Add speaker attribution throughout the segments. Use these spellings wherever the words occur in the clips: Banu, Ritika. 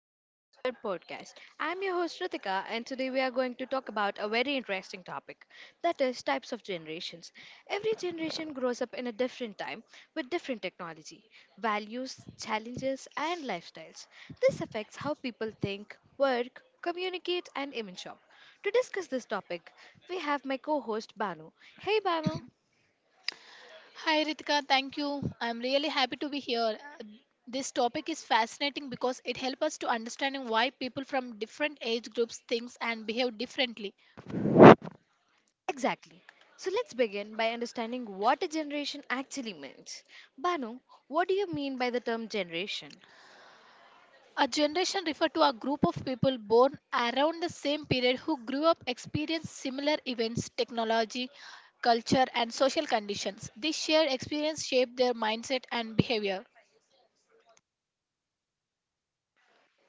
Speaker 1: Welcome back to our podcast. I'm your host Ritika, and today we are going to talk about a very interesting topic, that is, types of generations. Every generation grows up in a different time with different technology, values, challenges, and lifestyles. This affects how people think, work, communicate, and even shop. To discuss this topic, we have my co host Banu. Hey, Banu.
Speaker 2: Hi Ritika, thank you. I'm really happy to be here. This topic is fascinating because it helps us to understanding why people from different age groups think and behave differently.
Speaker 1: Exactly. So let's begin by understanding what a generation actually means. Banu, what do you mean by the term generation?
Speaker 2: A generation refers to a group of people born around the same period who grew up experienced similar events, technology, culture and social conditions. This shared experience shape their mindset and behavior.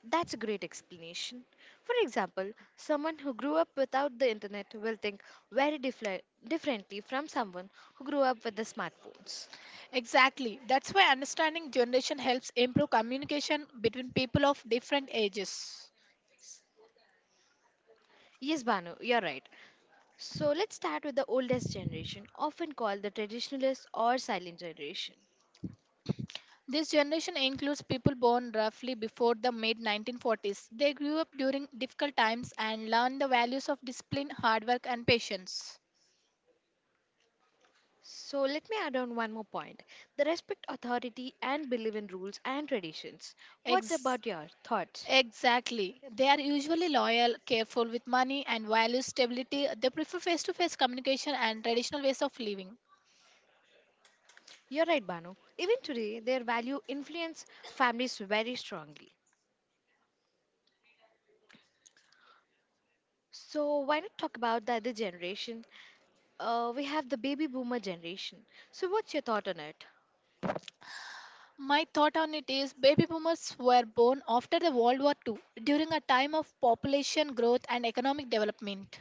Speaker 1: That's a great explanation. For example, someone who grew up without the internet will think very differently from someone who grew up with the smartphones.
Speaker 2: Exactly. That's why understanding generation helps improve communication between people of different ages.
Speaker 1: Yes, Banu, you're right. So let's start with the oldest generation, often called the traditionalist or silent generation.
Speaker 2: This generation includes people born roughly before the mid 1940s. They grew up during difficult times and learned the values of discipline, hard work, and patience.
Speaker 1: So let me add on one more point. The respect authority and believe in rules and traditions. What
Speaker 2: Ex-
Speaker 1: about your thoughts?
Speaker 2: exactly. They are usually loyal, careful with money, and value stability. They prefer face to face communication and traditional ways of living.
Speaker 1: You're right, Banu. Even today, their value influence families very strongly. So why not talk about the other generation? We have the baby boomer generation. So what's your thought on it?
Speaker 2: My thought on it is baby boomers were born after the World War II during a time of population growth and economic development.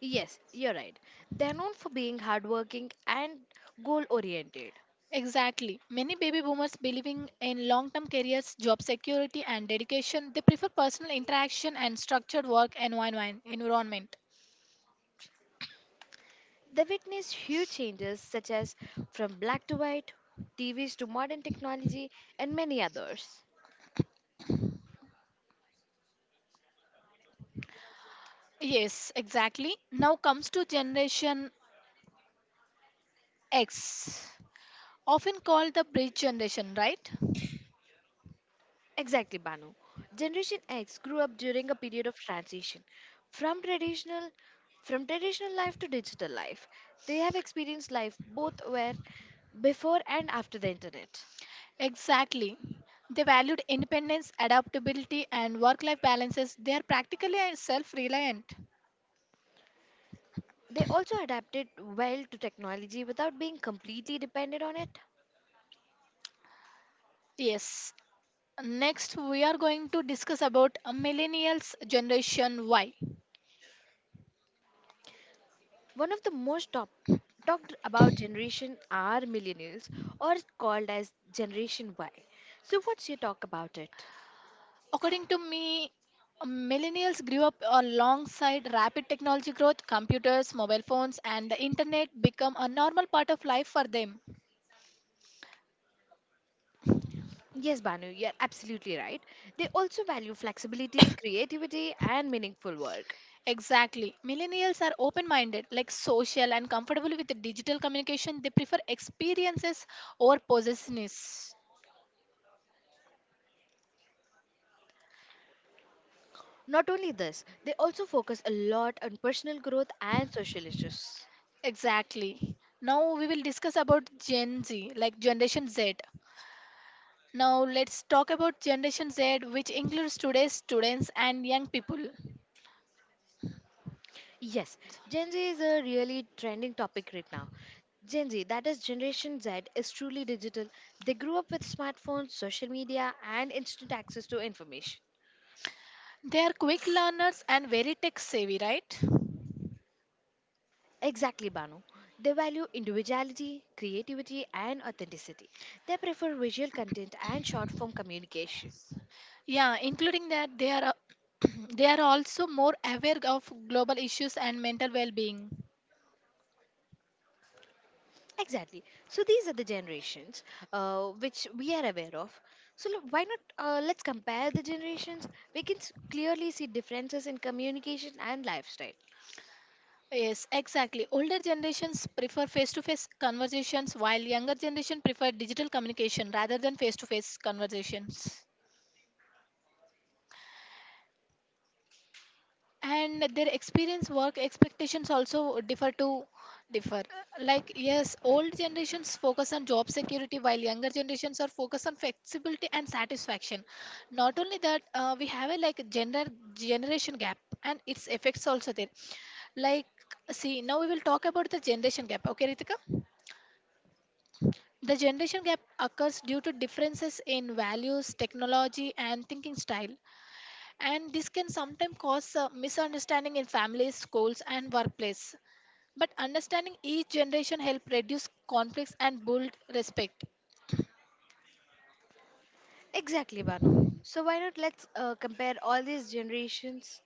Speaker 1: Yes, you're right. They're known for being hardworking and goal oriented.
Speaker 2: Exactly. Many baby boomers believing in long term careers, job security, and dedication, they prefer personal interaction and structured work environment.
Speaker 1: They witnessed huge changes such as from black to white, TVs to modern technology, and many others.
Speaker 2: Yes, exactly. Now comes to Generation X, often called the bridge generation, right?
Speaker 1: Exactly, Banu. Generation X grew up during a period of transition from traditional from traditional life to digital life. They have experienced life both where before and after the internet.
Speaker 2: Exactly. They valued independence, adaptability, and work life balances. They are practically self reliant.
Speaker 1: They also adapted well to technology without being completely dependent on it.
Speaker 2: Yes. Next, we are going to discuss about millennials generation Y.
Speaker 1: One of the most top, talked about generation are millennials or called as generation Y. So what's your talk about it?
Speaker 2: According to me, millennials grew up alongside rapid technology growth, computers, mobile phones, and the internet become a normal part of life for them.
Speaker 1: Yes, Banu, you're absolutely right. They also value flexibility, creativity, and meaningful work.
Speaker 2: Exactly. Millennials are open minded, like social and comfortable with the digital communication. They prefer experiences over possessiveness.
Speaker 1: Not only this, they also focus a lot on personal growth and social issues.
Speaker 2: Exactly. Now we will discuss about Gen Z, like Generation Z. Now let's talk about Generation Z, which includes today's students and young people.
Speaker 1: Yes, Gen Z is a really trending topic right now. Gen Z, that is Generation Z, is truly digital. They grew up with smartphones, social media, and instant access to information.
Speaker 2: They are quick learners and very tech savvy, right?
Speaker 1: Exactly, Banu. They value individuality, creativity, and authenticity. They prefer visual content and short form communication.
Speaker 2: Yeah, including that they are they are also more aware of global issues and mental well-being.
Speaker 1: Exactly. So these are the generations which we are aware of. So look, why not? Let's compare the generations. We can clearly see differences in communication and lifestyle.
Speaker 2: Yes, exactly. Older generations prefer face-to-face conversations while younger generation prefer digital communication rather than face-to-face conversations. And their experience work expectations also differ. Like yes, old generations focus on job security while younger generations are focused on flexibility and satisfaction. Not only that, we have a like gender generation gap and its effects also there. Like see, now we will talk about the generation gap, okay Ritika? The generation gap occurs due to differences in values, technology and thinking style, and this can sometimes cause misunderstanding in families, schools and workplace, but understanding each generation help reduce conflicts and build respect.
Speaker 1: Exactly, Banu. So why not? Let's compare all these generations.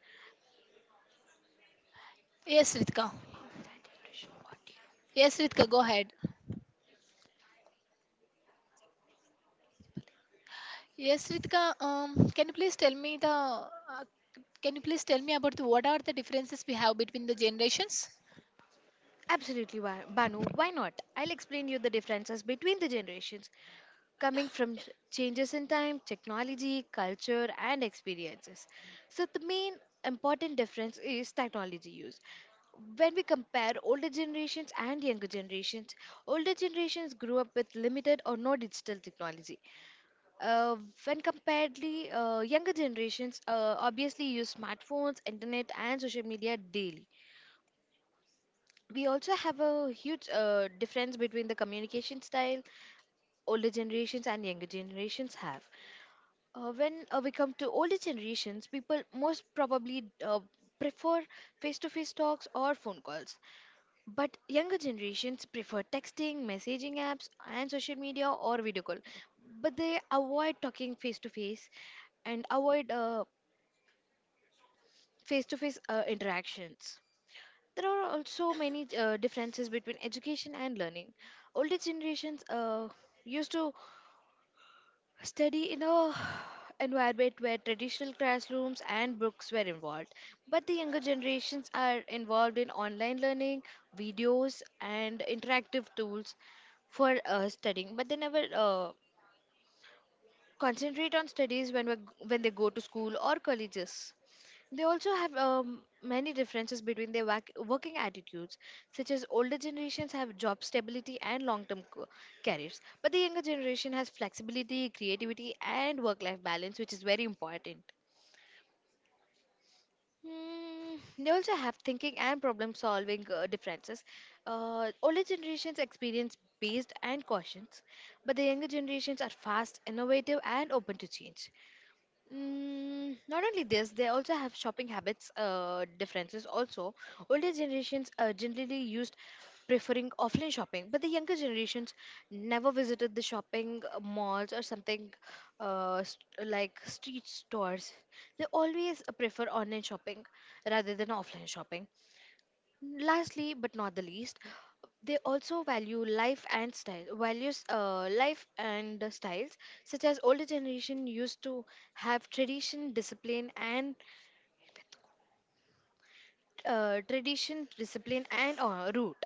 Speaker 2: yes ritka
Speaker 1: About that generation. What do you know? Yes.
Speaker 2: yes, Ritka, go ahead. Yes, Ritika. Can you please tell me the can you please tell me about the, what are the differences we have between the generations?
Speaker 1: Absolutely, Banu. Why not? I'll explain you the differences between the generations coming from changes in time, technology, culture, and experiences. So, the main important difference is technology use. When we compare older generations and younger generations, older generations grew up with limited or no digital technology. Uh, when comparedly, younger generations obviously use smartphones, internet, and social media daily. We also have a huge difference between the communication style older generations and younger generations have. When we come to older generations, people most probably prefer face to face talks or phone calls. But younger generations prefer texting, messaging apps, and social media or video call. But they avoid talking face to face and avoid face to face interactions. There are also many differences between education and learning. Older generations used to study in a environment where traditional classrooms and books were involved, but the younger generations are involved in online learning, videos, and interactive tools for studying. But they never concentrate on studies when they go to school or colleges. They also have many differences between their working attitudes, such as older generations have job stability and long-term careers, but the younger generation has flexibility, creativity, and work-life balance, which is very important. They also have thinking and problem solving differences. Older generations experience based and cautions, but the younger generations are fast, innovative, and open to change. Not only this, they also have shopping habits differences. Also, older generations generally used preferring offline shopping, but the younger generations never visited the shopping malls or something like street stores. They always prefer online shopping rather than offline shopping. Lastly, but not the least, they also value life and style. Values life and the styles, such as older generation used to have tradition, discipline, and root.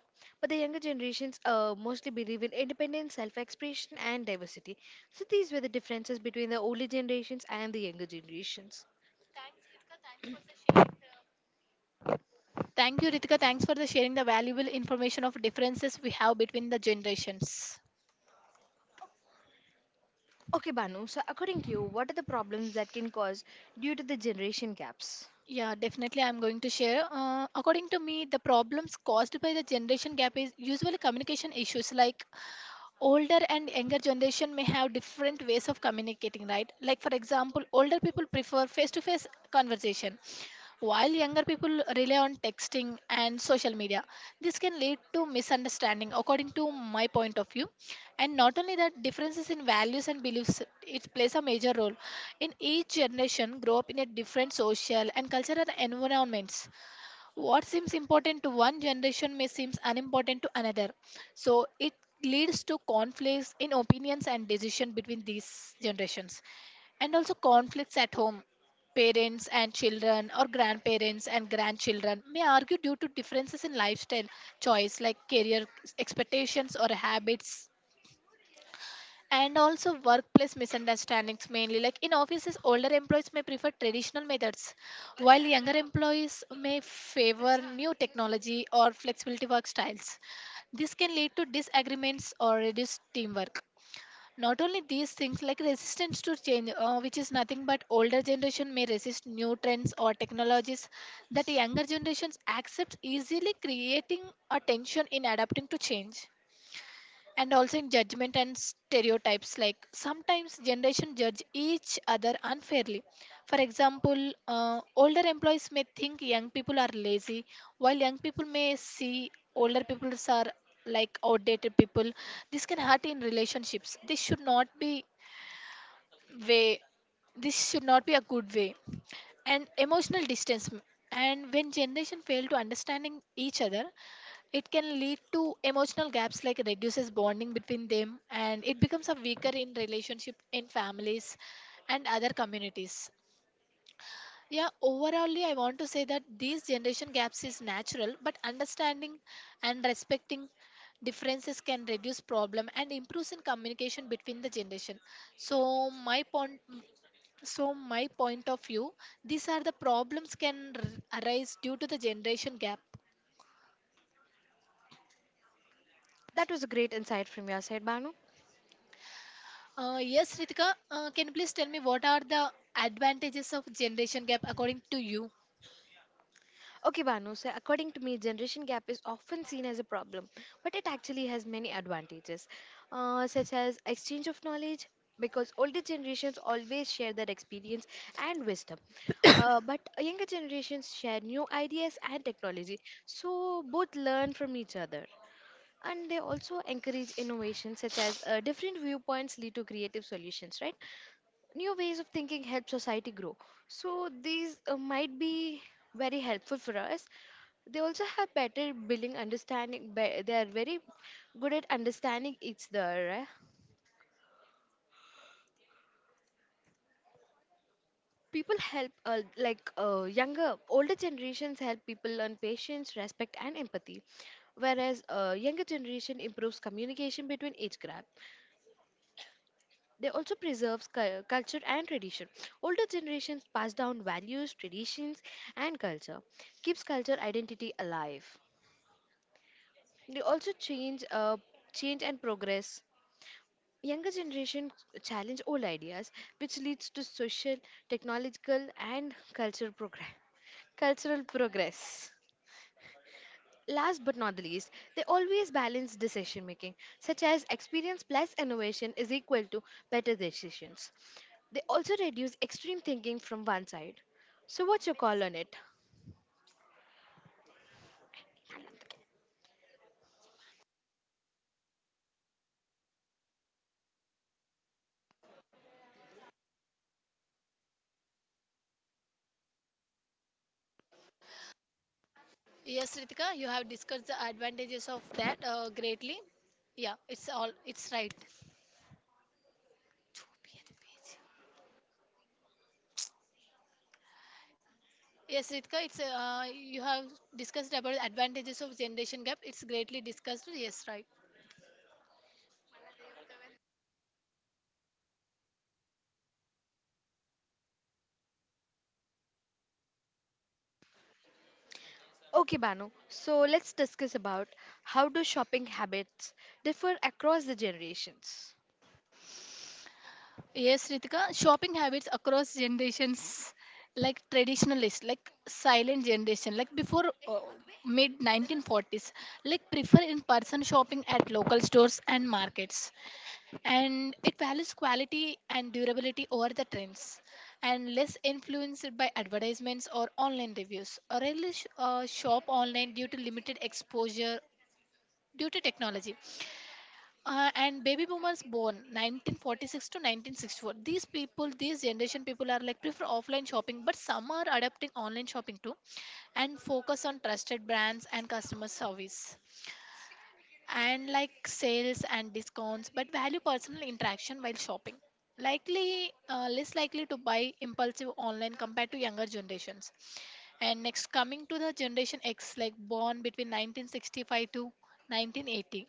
Speaker 1: But the younger generations mostly believe in independence, self-expression, and diversity. So these were the differences between the older generations and the younger generations.
Speaker 2: Thank you, Ritika. Thanks for the sharing the valuable information of differences we have between the generations.
Speaker 1: Okay, Banu. So according to you, what are the problems that can cause due to the generation gaps?
Speaker 2: Yeah, definitely. I'm going to share. According to me, the problems caused by the generation gap is usually communication issues. Like older and younger generation may have different ways of communicating, right? Like for example, older people prefer face-to-face conversation, while younger people rely on texting and social media, this can lead to misunderstanding, according to my point of view. And not only that, differences in values and beliefs it plays a major role. In each generation, grow up in a different social and cultural environments. What seems important to one generation may seem unimportant to another. So it leads to conflicts in opinions and decision between these generations, and also conflicts at home. Parents and children or grandparents and grandchildren may argue due to differences in lifestyle choice like career expectations or habits. And also workplace misunderstandings, mainly like in offices, older employees may prefer traditional methods while younger employees may favor new technology or flexibility work styles. This can lead to disagreements or reduced teamwork. Not only these things, like resistance to change, which is nothing but older generation may resist new trends or technologies that younger generations accept easily, creating a tension in adapting to change. And also in judgment and stereotypes, like sometimes generation judge each other unfairly. For example, older employees may think young people are lazy, while young people may see older people are like outdated people. This can hurt in relationships. This should not be way. This should not be a good way. And emotional distance, and when generation fail to understanding each other, it can lead to emotional gaps like reduces bonding between them, and it becomes a weaker in relationship in families and other communities. Yeah, overallly I want to say that these generation gaps is natural, but understanding and respecting differences can reduce problem and improves in communication between the generation. so my point so my point of view, these are the problems can arise due to the generation gap.
Speaker 1: That was a great insight from your side, Banu.
Speaker 2: Yes, Ritika, can you please tell me what are the advantages of generation gap according to you?
Speaker 1: Okay, Banu, so according to me, generation gap is often seen as a problem, but it actually has many advantages, such as exchange of knowledge, because older generations always share their experience and wisdom, but younger generations share new ideas and technology, so both learn from each other. And they also encourage innovation, such as different viewpoints lead to creative solutions, right? New ways of thinking help society grow. So these might be very helpful for us. They also have better building understanding. They are very good at understanding each other. Eh. People help, like older generations help people learn patience, respect, and empathy, whereas younger generation improves communication between age gap. They also preserves culture and tradition. Older generations pass down values, traditions, and culture, keeps culture identity alive. They also change and progress. Younger generation challenge old ideas, which leads to social, technological, and cultural progress. Cultural progress. Last but not the least, they always balance decision making, such as experience plus innovation is equal to better decisions. They also reduce extreme thinking from one side. So, what's your call on it?
Speaker 2: Yes, Ritika, you have discussed the advantages of that greatly. Yeah, it's all it's right. Yes, Ritika, it's you have discussed about the advantages of generation gap. It's greatly discussed. Yes, right.
Speaker 1: Okay, Banu, so let's discuss about how do shopping habits differ across the generations.
Speaker 2: Yes, Ritika, shopping habits across generations, like traditionalist, like silent generation, like before mid 1940s, like prefer in-person shopping at local stores and markets, and it values quality and durability over the trends, and less influenced by advertisements or online reviews. Rarely shop online due to limited exposure due to technology. And baby boomers born 1946 to 1964, these generation people are like prefer offline shopping, but some are adopting online shopping too, and focus on trusted brands and customer service, and like sales and discounts, but value personal interaction while shopping. Likely Less likely to buy impulsive online compared to younger generations. And next, coming to the generation x, like born between 1965 to 1980,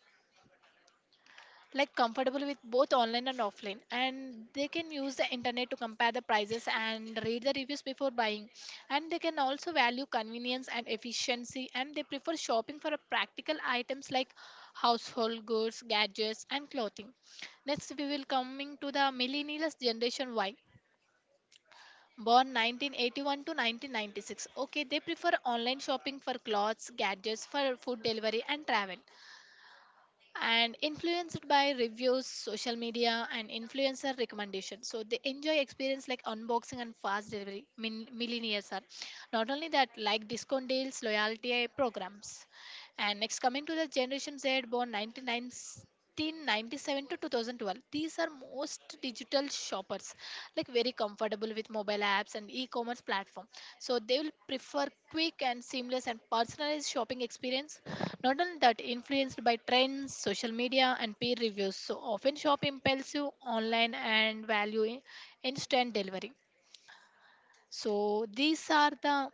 Speaker 2: like comfortable with both online and offline, and they can use the internet to compare the prices and read the reviews before buying. And they can also value convenience and efficiency, and they prefer shopping for a practical items like household goods, gadgets and clothing. Next, we will coming to the millennials generation y, born 1981 to 1996. Okay, they prefer online shopping for clothes, gadgets, for food delivery and travel, and influenced by reviews, social media, and influencer recommendations. So they enjoy experience like unboxing and fast delivery. Millionaires are not only that like discount deals, loyalty programs. And next, coming to the Generation Z, born 1997 to 2012, these are most digital shoppers, like very comfortable with mobile apps and e-commerce platform. So they will prefer quick and seamless and personalized shopping experience. Not only that, influenced by trends, social media, and peer reviews. So often shop impulsive online and value instant delivery. So these are the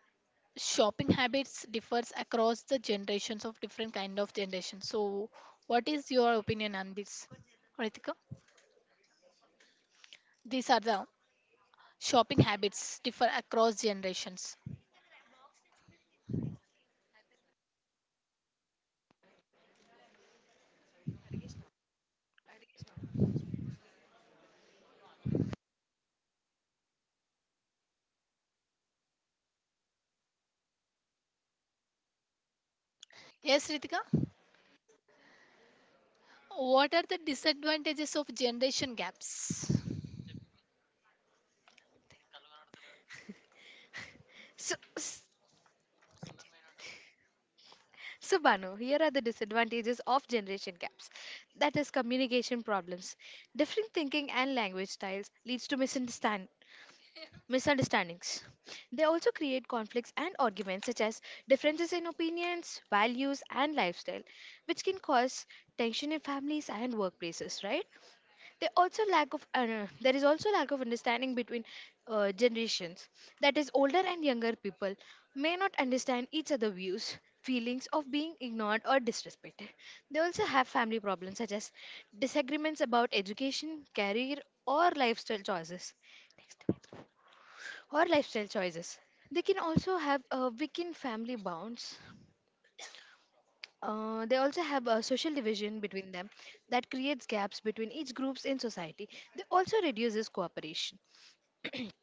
Speaker 2: shopping habits differs across the generations of different kind of generations. So what is your opinion on this, Ritika? These are the shopping habits differ across generations. Yes, Ritika. What are the disadvantages of generation gaps?
Speaker 1: So, s- so Banu, here are the disadvantages of generation gaps. That is communication problems. Different thinking and language styles leads to misunderstandings. They also create conflicts and arguments, such as differences in opinions, values, and lifestyle, which can cause tension in families and workplaces. Right? They also lack of There is also lack of understanding between generations. That is, older and younger people may not understand each other's views. Feelings of being ignored or disrespected. They also have family problems such as disagreements about education, career, or lifestyle choices or lifestyle choices. They can also have weakened family bonds. They also have a social division between them that creates gaps between each groups in society. They also reduces cooperation.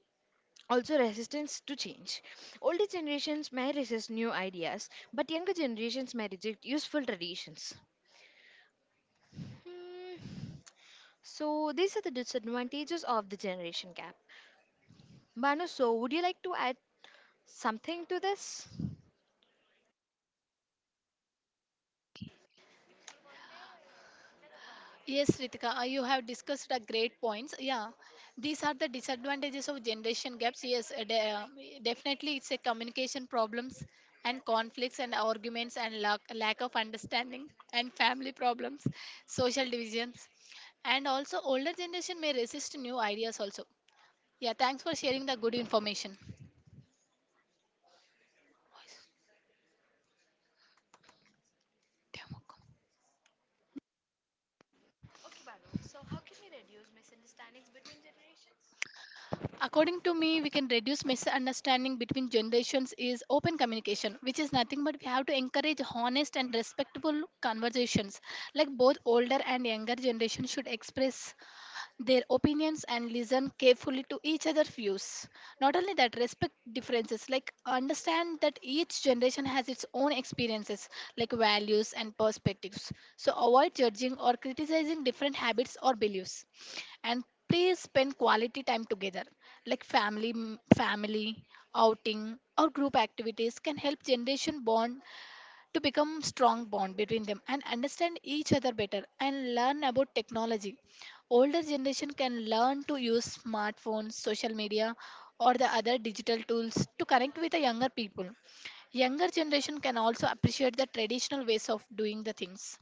Speaker 1: Also resistance to change. Older generations may resist new ideas, but younger generations may reject useful traditions. Hmm. So these are the disadvantages of the generation gap. Manu, so would you like to add something to this?
Speaker 2: Yes, Ritika, you have discussed a great points. Yeah, these are the disadvantages of generation gaps. Yes, definitely it's a communication problems, and conflicts and arguments, and lack of understanding, and family problems, social divisions, and also older generation may resist new ideas also. Yeah, thanks for sharing the good information. Voice demo. According to me, we can reduce misunderstanding between generations is open communication, which is nothing but we have to encourage honest and respectful conversations. Like both older and younger generations should express their opinions and listen carefully to each other's views. Not only that, respect differences, like understand that each generation has its own experiences, like values and perspectives. So avoid judging or criticizing different habits or beliefs. And please spend quality time together, like family, family outing or group activities can help generation bond to become strong bond between them and understand each other better and learn about technology. Older generation can learn to use smartphones, social media, or the other digital tools to connect with the younger people. Younger generation can also appreciate the traditional ways of doing the things.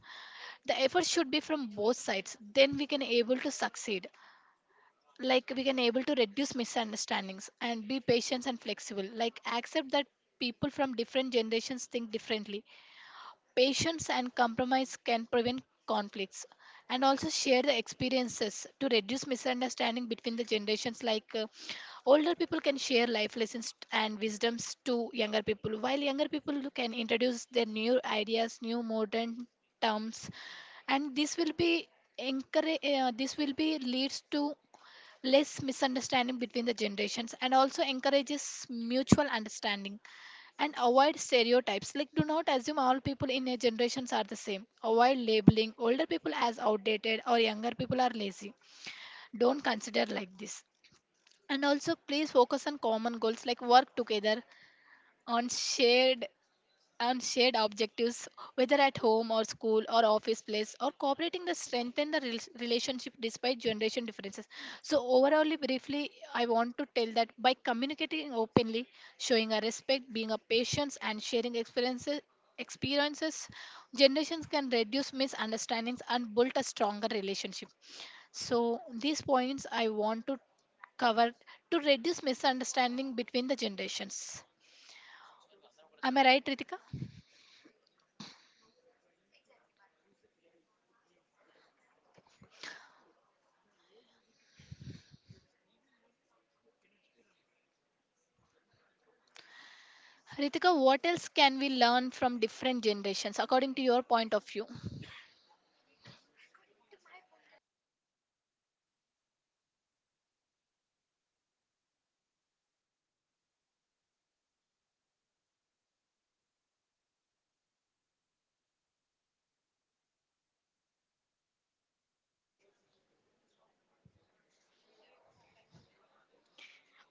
Speaker 2: The effort should be from both sides, then we can able to succeed, like we can able to reduce misunderstandings and be patient and flexible, like accept that people from different generations think differently. Patience and compromise can prevent conflicts, and also share the experiences to reduce misunderstanding between the generations, like older people can share life lessons and wisdoms to younger people, while younger people can introduce their new ideas, new modern terms, and this will be encourage, this will be leads to less misunderstanding between the generations and also encourages mutual understanding. And avoid stereotypes, like do not assume all people in your generations are the same. Avoid labeling older people as outdated or younger people are lazy. Don't consider like this. And also please focus on common goals, like work together on shared on shared objectives, whether at home or school or office place, or cooperating to strengthen the relationship despite generation differences. So, overall, briefly, I want to tell that by communicating openly, showing a respect, being a patience, and sharing experiences, generations can reduce misunderstandings and build a stronger relationship. So, these points I want to cover to reduce misunderstanding between the generations. Am I right, Ritika? Ritika, what else can we learn from different generations according to your point of view?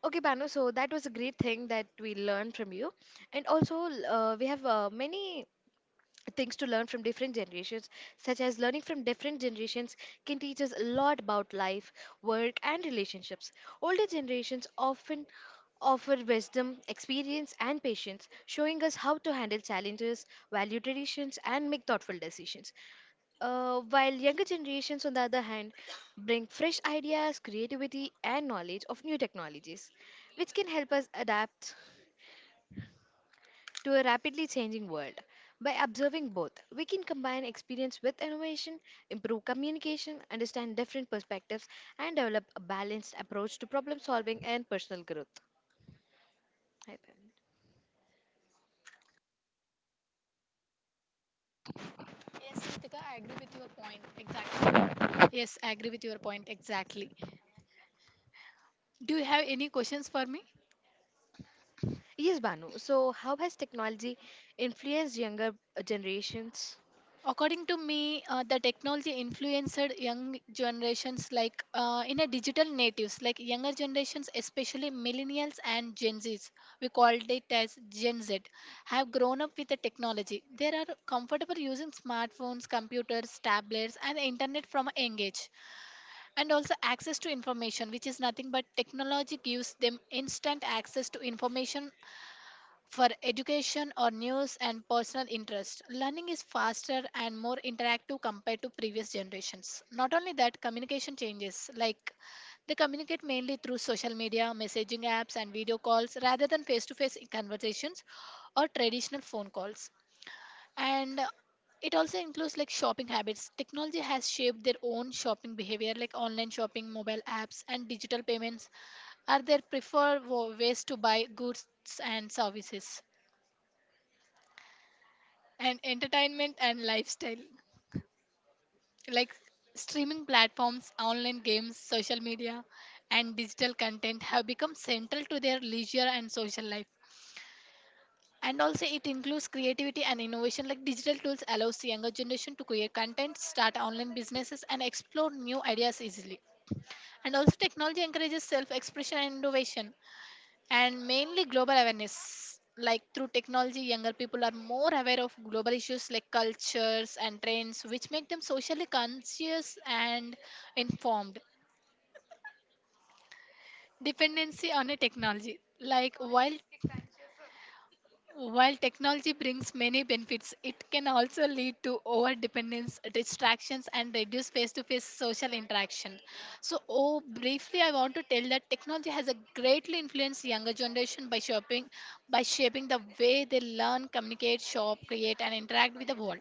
Speaker 1: Okay, Banu, so that was a great thing that we learned from you. And also, we have many things to learn from different generations, such as learning from different generations can teach us a lot about life, work, and relationships. Older generations often offer wisdom, experience, and patience, showing us how to handle challenges, value traditions, and make thoughtful decisions. While younger generations, on the other hand, bring fresh ideas, creativity, and knowledge of new technologies, which can help us adapt to a rapidly changing world. By observing both, we can combine experience with innovation, improve communication, understand different perspectives, and develop a balanced approach to problem solving and personal growth. I think.
Speaker 2: Yes, Ritika, I agree with your point exactly. Yes, I agree with your point exactly. Do you have any questions for me?
Speaker 1: Yes, Banu. So, how has technology influenced younger generations?
Speaker 2: According to me, the technology influenced young generations, like in a digital natives, like younger generations, especially millennials and Gen Zs, we called it as Gen Z, have grown up with the technology. They are comfortable using smartphones, computers, tablets, and the internet from a young age. And also access to information, which is nothing but technology gives them instant access to information for education or news and personal interest. Learning is faster and more interactive compared to previous generations. Not only that, communication changes, like they communicate mainly through social media, messaging apps, and video calls rather than face to face conversations or traditional phone calls. And it also includes like shopping habits. Technology has shaped their own shopping behavior, like online shopping, mobile apps, and digital payments are their preferred ways to buy goods and services. And entertainment and lifestyle, like streaming platforms, online games, social media, and digital content have become central to their leisure and social life. And also it includes creativity and innovation, like digital tools allows the younger generation to create content, start online businesses, and explore new ideas easily. And also technology encourages self expression and innovation. And mainly global awareness, like through technology younger people are more aware of global issues like cultures and trends, which make them socially conscious and informed. Dependency on a technology, like while technology brings many benefits, it can also lead to overdependence, distractions, and reduced face to face social interaction. So, oh, briefly, I want to tell that technology has a greatly influenced younger generation by shaping the way they learn, communicate, shop, create, and interact with the world.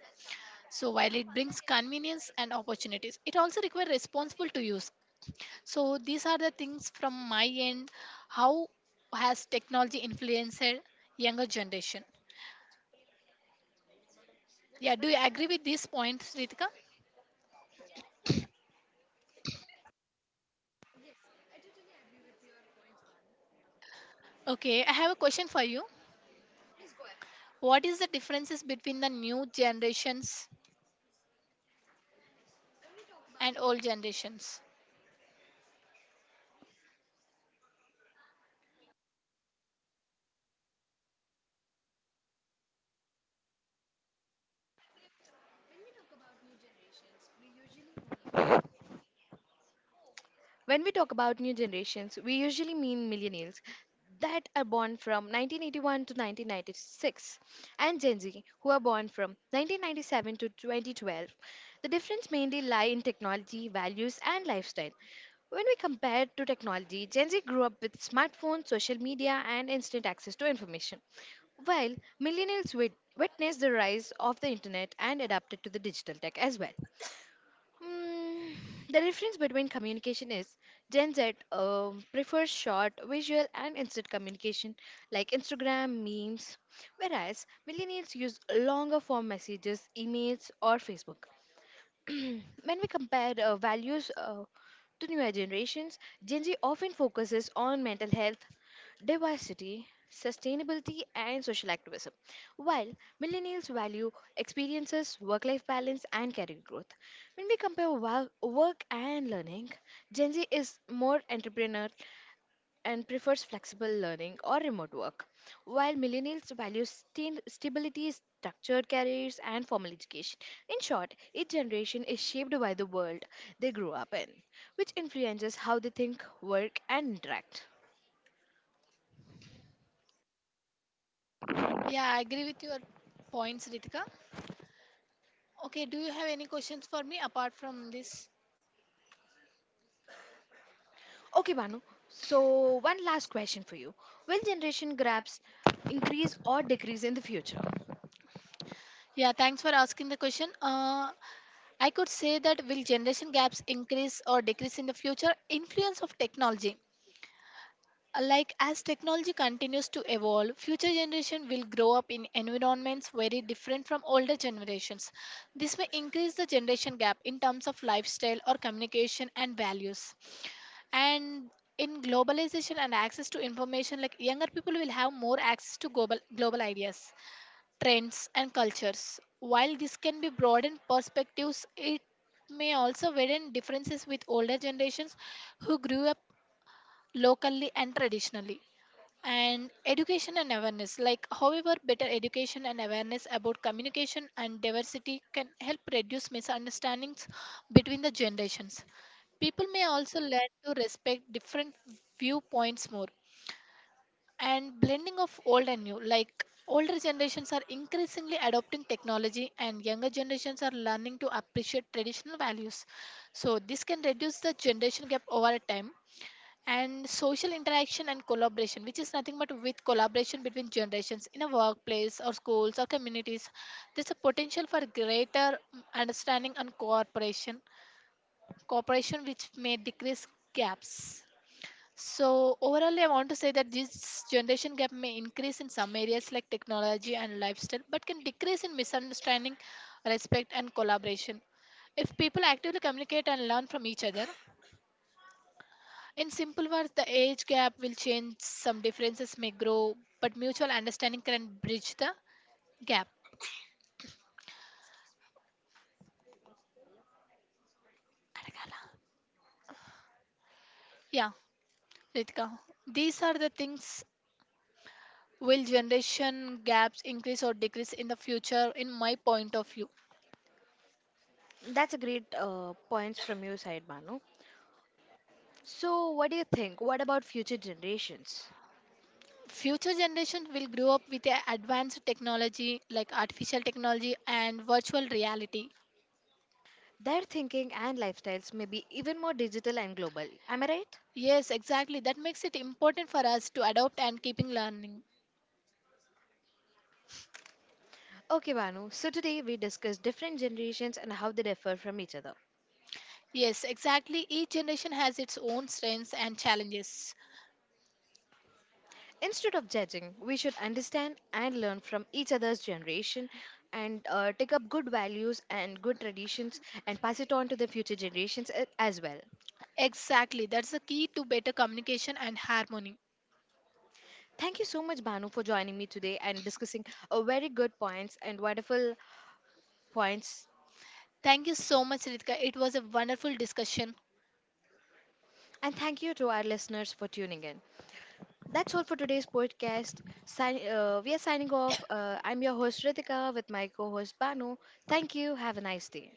Speaker 2: So, while it brings convenience and opportunities, it also requires responsible to use. So, these are the things from my end. How has technology influenced younger generation? Yeah, do you agree with these points, Ritika? Okay, I have a question for you. What is the differences between the new generations and old generations?
Speaker 1: When we talk about new generations, we usually mean millennials that are born from 1981 to 1996 and Gen Z who are born from 1997 to 2012. The difference mainly lie in technology, values and lifestyle. When we compare to technology, Gen Z grew up with smartphones, social media and instant access to information, while millennials witnessed the rise of the internet and adapted to the digital tech as well. Mm, the difference between communication is Gen Z prefers short, visual, and instant communication like Instagram, memes, whereas millennials use longer form messages, emails, or Facebook. When we compare values to newer generations, Gen Z often focuses on mental health, diversity, sustainability, and social activism, while millennials value experiences, work life balance, and career growth. When we compare work and learning, Gen Z is more entrepreneurial and prefers flexible learning or remote work, while millennials value stability, structured careers, and formal education. In short, each generation is shaped by the world they grew up in, which influences how they think, work, and interact.
Speaker 2: Yeah, I agree with your points, Ritika. Okay, do you have any questions for me apart from this?
Speaker 1: Okay, Banu, so one last question for you. Will generation gaps increase or decrease in the future?
Speaker 2: Yeah, thanks for asking the question. I could say that will generation gaps increase or decrease in the future? Influence of technology. Like as technology continues to evolve, future generation will grow up in environments very different from older generations. This may increase the generation gap in terms of lifestyle or communication and values. And in globalization and access to information, like younger people will have more access to global ideas, trends, and cultures. While this can be broadened perspectives, it may also widen differences with older generations who grew up locally and traditionally. And education and awareness, like however better education and awareness about communication and diversity can help reduce misunderstandings between the generations. People may also learn to respect different viewpoints more. And blending of old and new, like older generations are increasingly adopting technology and younger generations are learning to appreciate traditional values, so this can reduce the generation gap over time. And social interaction and collaboration, which is nothing but with collaboration between generations in a workplace or schools or communities, there's a potential for greater understanding and cooperation which may decrease gaps. So overall I want to say that this generation gap may increase in some areas like technology and lifestyle, but can decrease in misunderstanding, respect, and collaboration if people actively communicate and learn from each other. In simple words, the age gap will change, some differences may grow, but mutual understanding can bridge the gap. అడగాలా? Yeah, Ritika. These are the things will generation gaps increase or decrease in the future in my point of view.
Speaker 1: That's a great points from your side, Banu. So, what do you think? What about future generations?
Speaker 2: Future generations will grow up with a advanced technology like artificial technology and virtual reality.
Speaker 1: Their thinking and lifestyles may be even more digital and global. Am I right?
Speaker 2: Yes, exactly. That makes it important for us to adopt and keeping learning.
Speaker 1: Okay, Banu. So today we discuss different generations and how they differ from each other.
Speaker 2: Yes, exactly. Each generation has its own strengths and challenges.
Speaker 1: Instead of judging, we should understand and learn from each other's generation and take up good values and good traditions and pass it on to the future generations as well.
Speaker 2: Exactly. That's the key to better communication and harmony.
Speaker 1: Thank you so much, Banu, for joining me today and discussing very good points and wonderful points.
Speaker 2: Thank you so much, Ritika. It was a wonderful discussion.
Speaker 1: And thank you to our listeners for tuning in. That's all for today's podcast. We are signing off. I'm your host Ritika with my co host Banu. Thank you. Have a nice day.